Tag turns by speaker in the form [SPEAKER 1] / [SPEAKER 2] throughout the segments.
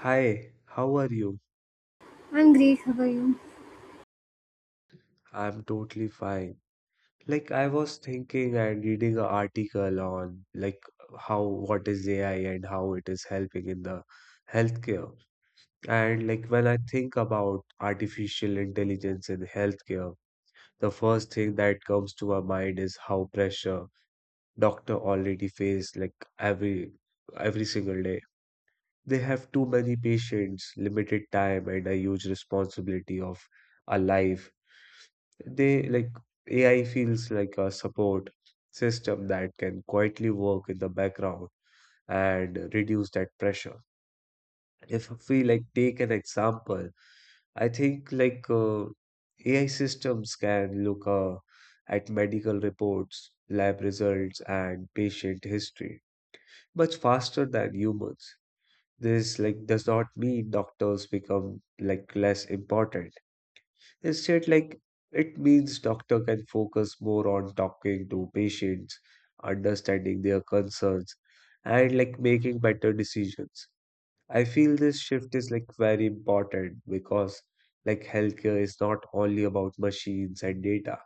[SPEAKER 1] Hi, how are you?
[SPEAKER 2] I'm great. How are you?
[SPEAKER 1] I'm totally fine. I was thinking and reading an article on how what is AI and how it is helping in the healthcare. And when I think about artificial intelligence in healthcare, the first thing that comes to my mind is how pressure doctor already face every single day. They have too many patients, limited time, and a huge responsibility of a life. They like AI feels like a support system that can quietly work in the background and reduce that pressure. If we take an example, I think AI systems can look at medical reports, lab results, and patient history much faster than humans. This does not mean doctors become less important. Instead, it means doctor can focus more on talking to patients, understanding their concerns, and making better decisions. I feel this shift is very important because healthcare is not only about machines and data.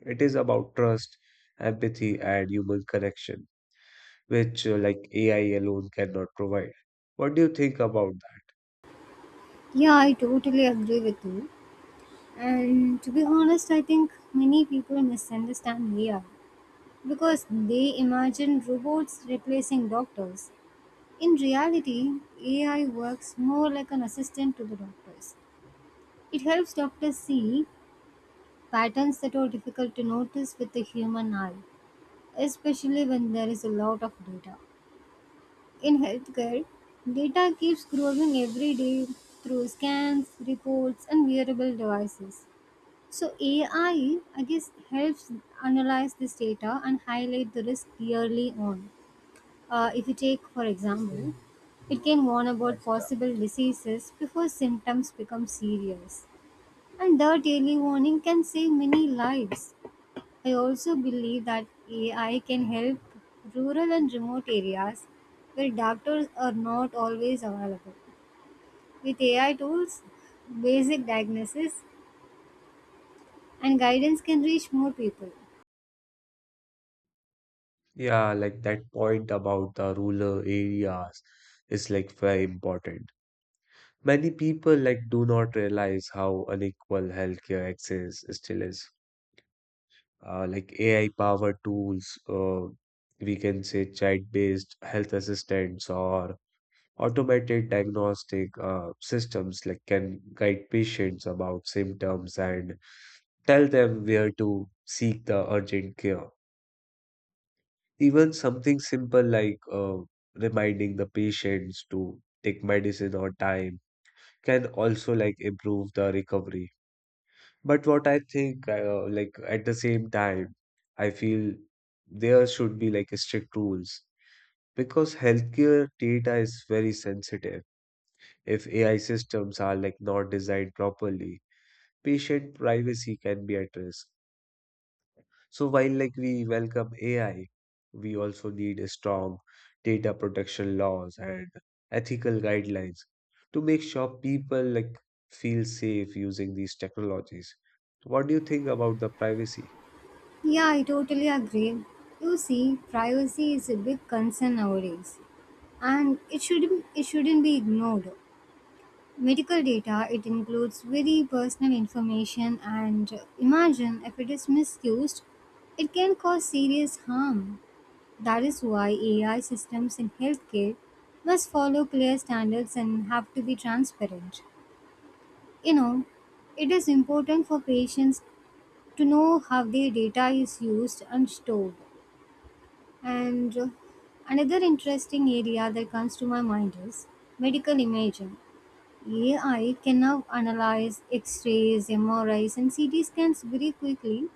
[SPEAKER 1] It is about trust, empathy, and human connection, which AI alone cannot provide. What do you think about that?
[SPEAKER 2] Yeah, I totally agree with you. And to be honest, I think many people misunderstand AI because they imagine robots replacing doctors. In reality, AI works more like an assistant to the doctors. It helps doctors see patterns that are difficult to notice with the human eye, especially when there is a lot of data. In healthcare, data keeps growing every day through scans, reports, and wearable devices. So, AI, I guess, helps analyze this data and highlight the risk early on. If you take, for example, it can warn about possible diseases before symptoms become serious. And that early warning can save many lives. I also believe that AI can help rural and remote areas where doctors are not always available. With AI tools, basic diagnosis and guidance can reach more people.
[SPEAKER 1] Yeah, that point about the rural areas is very important. Many people do not realize how unequal healthcare access still is. AI powered tools, we can say chat based health assistants or automated diagnostic systems can guide patients about symptoms and tell them where to seek the urgent care. Even something simple reminding the patients to take medicine on time can also improve the recovery. But what I think, at the same time, I feel there should be strict rules because healthcare data is very sensitive. If AI systems are not designed properly, patient privacy can be at risk. So while we welcome AI, we also need a strong data protection laws and ethical guidelines to make sure people feel safe using these technologies. What do you think about the privacy?
[SPEAKER 2] Yeah, I totally agree. You see, privacy is a big concern nowadays and it shouldn't be ignored. Medical data it includes very personal information and imagine if it is misused, it can cause serious harm. That is why AI systems in healthcare must follow clear standards and have to be transparent. You know, it is important for patients to know how their data is used and stored. And another interesting area that comes to my mind is medical imaging. AI can now analyze x rays, MRIs, and CT scans very quickly,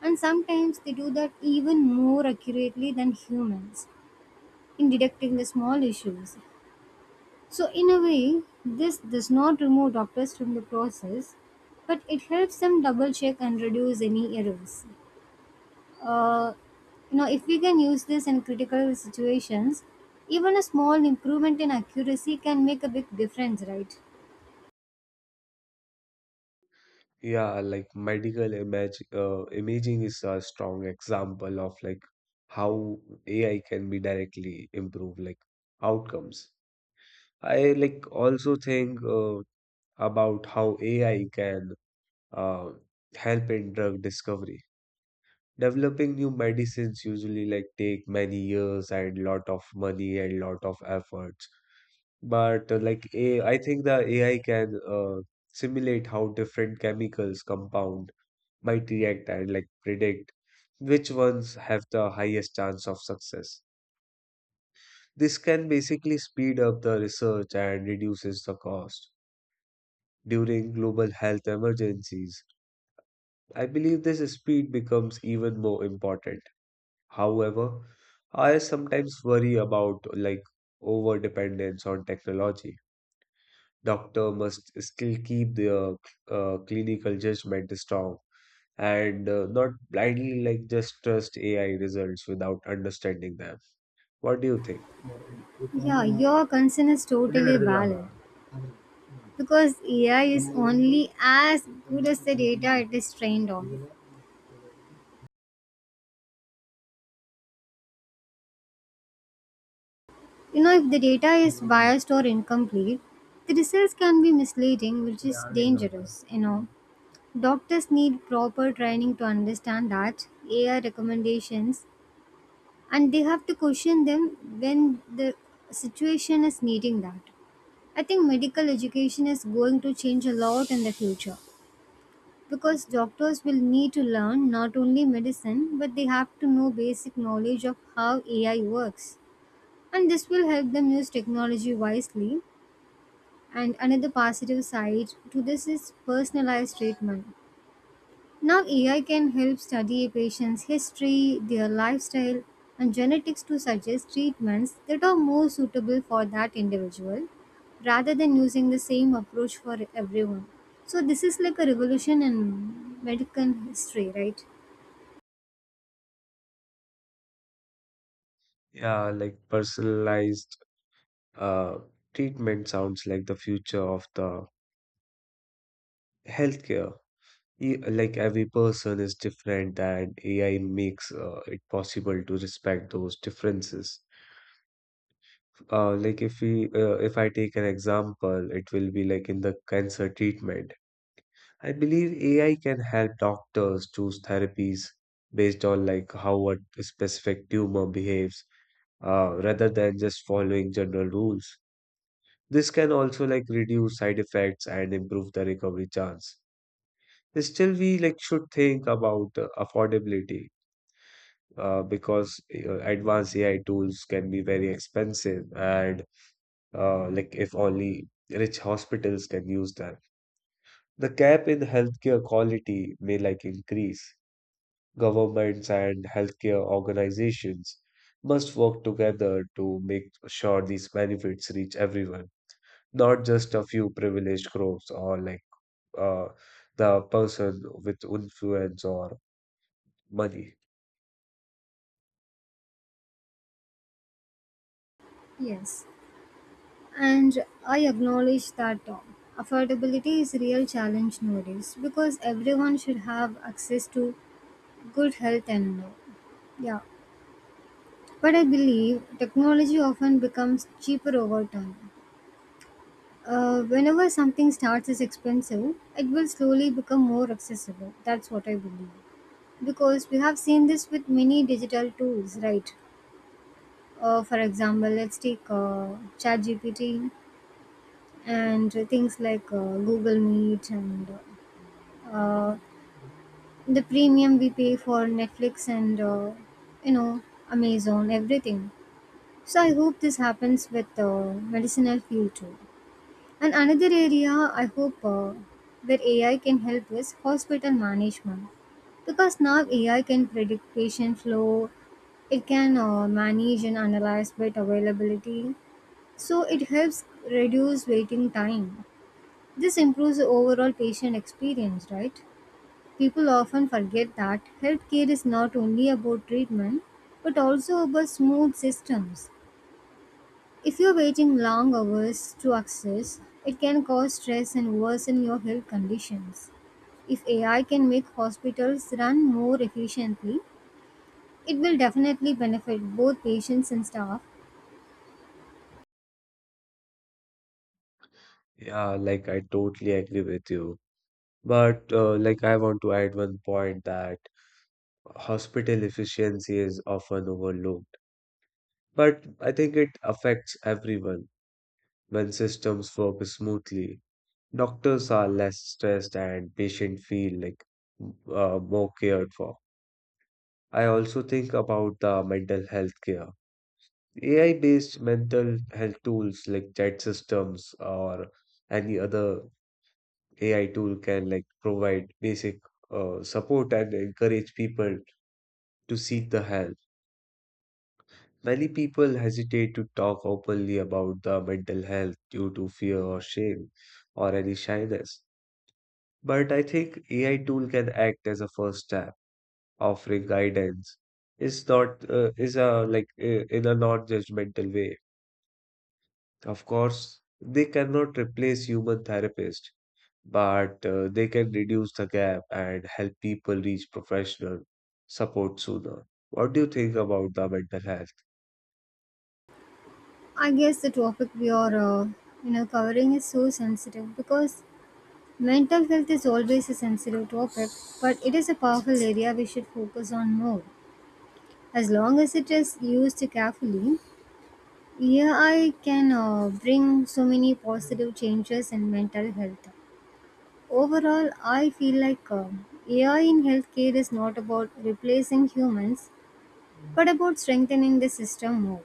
[SPEAKER 2] and sometimes they do that even more accurately than humans in detecting the small issues. So, in a way, this does not remove doctors from the process, but it helps them double check and reduce any errors. Uh, you know, if we can use this in critical situations, even a small improvement in accuracy can make a big difference, right?
[SPEAKER 1] Yeah, medical image imaging is a strong example of how AI can be directly improve outcomes. I also think about how AI can uh, help in drug discovery. Developing new medicines usually take many years and lot of money and lot of efforts. But like a I think the AI can simulate how different chemicals compound might react and predict which ones have the highest chance of success. This can basically speed up the research and reduces the cost. During global health emergencies, I believe this speed becomes even more important. However, I sometimes worry about over dependence on technology. Doctor must still keep their clinical judgment strong and not blindly just trust AI results without understanding them. What do you think?
[SPEAKER 2] Yeah, your concern is totally valid because AI is only as good as the data it is trained on. You know, if the data is biased or incomplete, the results can be misleading, which is dangerous. You know, doctors need proper training to understand that AI recommendations and they have to question them when the situation is needing that. I think medical education is going to change a lot in the future because doctors will need to learn not only medicine but they have to know basic knowledge of how AI works. And this will help them use technology wisely. And another positive side to this is personalized treatment. Now, AI can help study a patient's history, their lifestyle, and genetics to suggest treatments that are more suitable for that individual rather than using the same approach for everyone. So, this is like a revolution in medical history, right?
[SPEAKER 1] Yeah, personalized uh, treatment sounds like the future of the healthcare. Like every person is different, and AI makes it possible to respect those differences. If I take an example, it will be like in the cancer treatment. I believe AI can help doctors choose therapies based on how a specific tumor behaves, rather than just following general rules. This can also reduce side effects and improve the recovery chance. Still, we should think about affordability because advanced AI tools can be very expensive, and if only rich hospitals can use them. The gap in healthcare quality may increase. Governments and healthcare organizations must work together to make sure these benefits reach everyone, not just a few privileged groups or uh, the person with influence or money.
[SPEAKER 2] Yes. And I acknowledge that affordability is a real challenge nowadays because everyone should have access to good health and yeah. But I believe technology often becomes cheaper over time. Whenever something starts as expensive, it will slowly become more accessible. That's what I believe. Because we have seen this with many digital tools, right? For example, let's take ChatGPT and things like Google Meet and uh, the premium we pay for Netflix and you know Amazon everything. So I hope this happens with medicinal field too. And another area I hope where AI can help is hospital management because now AI can predict patient flow, it can manage and analyze bed availability, so it helps reduce waiting time. This improves the overall patient experience, right? People often forget that healthcare is not only about treatment but also about smooth systems. If you're waiting long hours to access, it can cause stress and worsen your health conditions. If AI can make hospitals run more efficiently, it will definitely benefit both patients and staff.
[SPEAKER 1] Yeah, I totally agree with you. But I want to add one point that hospital efficiency is often overlooked. But I think it affects everyone when systems work smoothly. Doctors are less stressed and patients feel more cared for. I also think about the mental health care. AI-based mental health tools like chat systems or any other AI tool can provide basic support and encourage people to seek the help. Many people hesitate to talk openly about the mental health due to fear or shame or any shyness. But I think AI tool can act as a first step offering guidance is not is a like in a non-judgmental way. Of course, they cannot replace human therapists, but they can reduce the gap and help people reach professional support sooner. What do you think about the mental health?
[SPEAKER 2] I guess the topic we are you know, covering is so sensitive because mental health is always a sensitive topic, but it is a powerful area we should focus on more. As long as it is used carefully, AI can bring so many positive changes in mental health. Overall, I feel like AI in healthcare is not about replacing humans, but about strengthening the system more.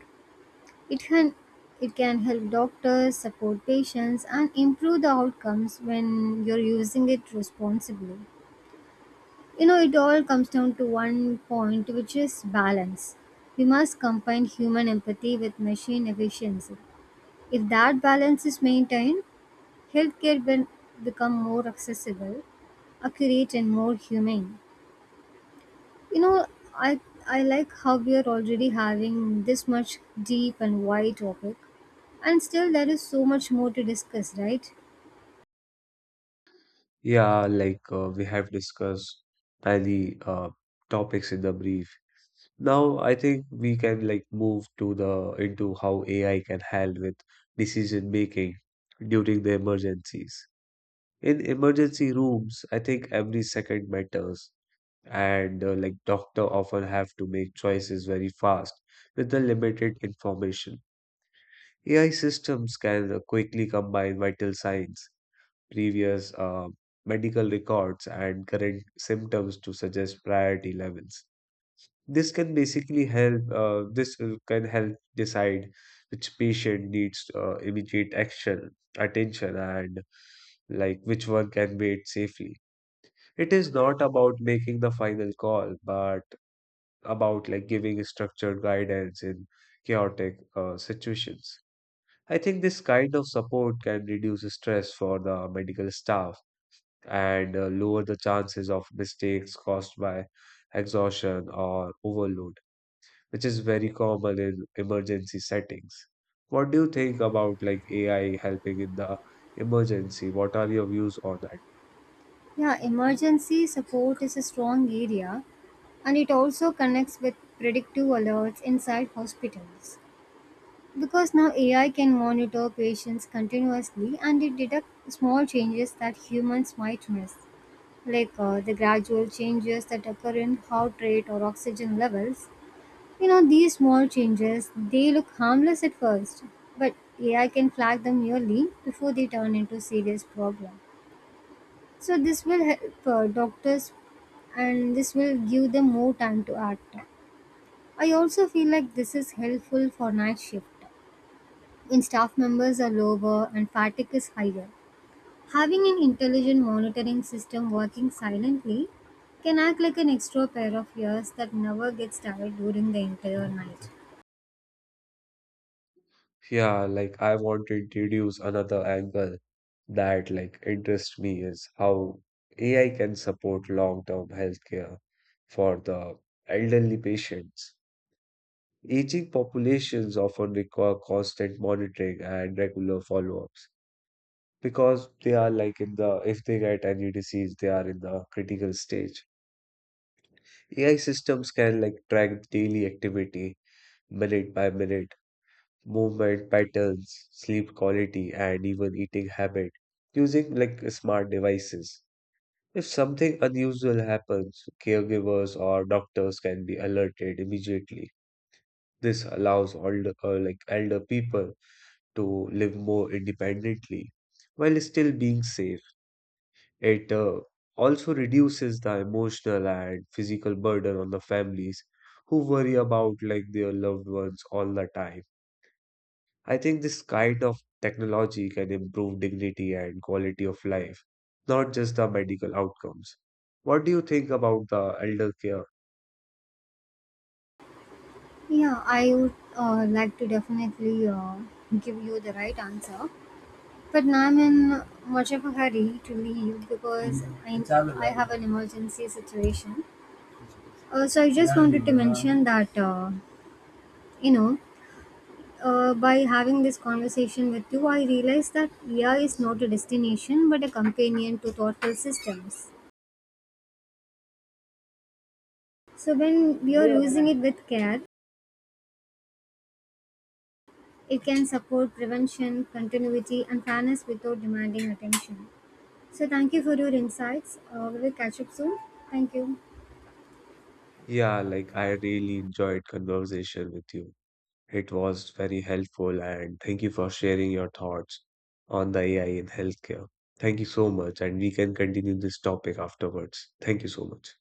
[SPEAKER 2] It can it can help doctors support patients and improve the outcomes when you're using it responsibly. You know, it all comes down to one point, which is balance. We must combine human empathy with machine efficiency. If that balance is maintained, healthcare will become more accessible, accurate, and more humane. You know, I I like how we are already having this much deep and wide topic, and still there is so much more to discuss, right?
[SPEAKER 1] Yeah, we have discussed many topics in the brief. Now, I think we can move to the into how AI can help with decision making during the emergencies. In emergency rooms, I think every second matters, and doctor often have to make choices very fast with the limited information. AI systems can quickly combine vital signs, previous medical records, and current symptoms to suggest priority levels. This can basically help This can help decide which patient needs immediate action attention, and which one can wait safely. It is not about making the final call but about giving structured guidance in chaotic situations. I think this kind of support can reduce stress for the medical staff and lower the chances of mistakes caused by exhaustion or overload, which is very common in emergency settings. What do you think about AI helping in the emergency? What are your views on that?
[SPEAKER 2] Yeah, emergency support is a strong area, and it also connects with predictive alerts inside hospitals because now ai can monitor patients continuously and it detects small changes that humans might miss like the gradual changes that occur in heart rate or oxygen levels. You know, these small changes they look harmless at first, but AI can flag them early before they turn into serious problem. So this will help doctors, and this will give them more time to act. I also feel like this is helpful for night shift when staff members are lower and fatigue is higher. Having an intelligent monitoring system working silently can act like an extra pair of ears that never gets tired during the entire night.
[SPEAKER 1] Yeah, I want to introduce another angle that interests me is how AI can support long-term healthcare for the elderly patients. Aging populations often require constant monitoring and regular follow-ups because they are like in the if they get any disease, they are in the critical stage. AI systems can track daily activity, minute by minute, movement patterns, sleep quality, and even eating habit using smart devices. If something unusual happens, caregivers or doctors can be alerted immediately. This allows older like elder people to live more independently while still being safe. It also reduces the emotional and physical burden on the families who worry about their loved ones all the time. I think this kind of technology can improve dignity and quality of life, not just the medical outcomes. What do you think about the elder care?
[SPEAKER 2] Yeah, I would like to definitely give you the right answer, but now I'm in much of a hurry to leave because I have an emergency situation. So I just, yeah, wanted to mention that, you know, by having this conversation with you, I realized that AI is not a destination but a companion to thoughtful systems. So, when we are using it with care, it can support prevention, continuity, and fairness without demanding attention. So, thank you for your insights. We will catch up soon. Thank you.
[SPEAKER 1] Yeah, I really enjoyed conversation with you. It was very helpful, and thank you for sharing your thoughts on the AI in healthcare. Thank you so much, and we can continue this topic afterwards. Thank you so much.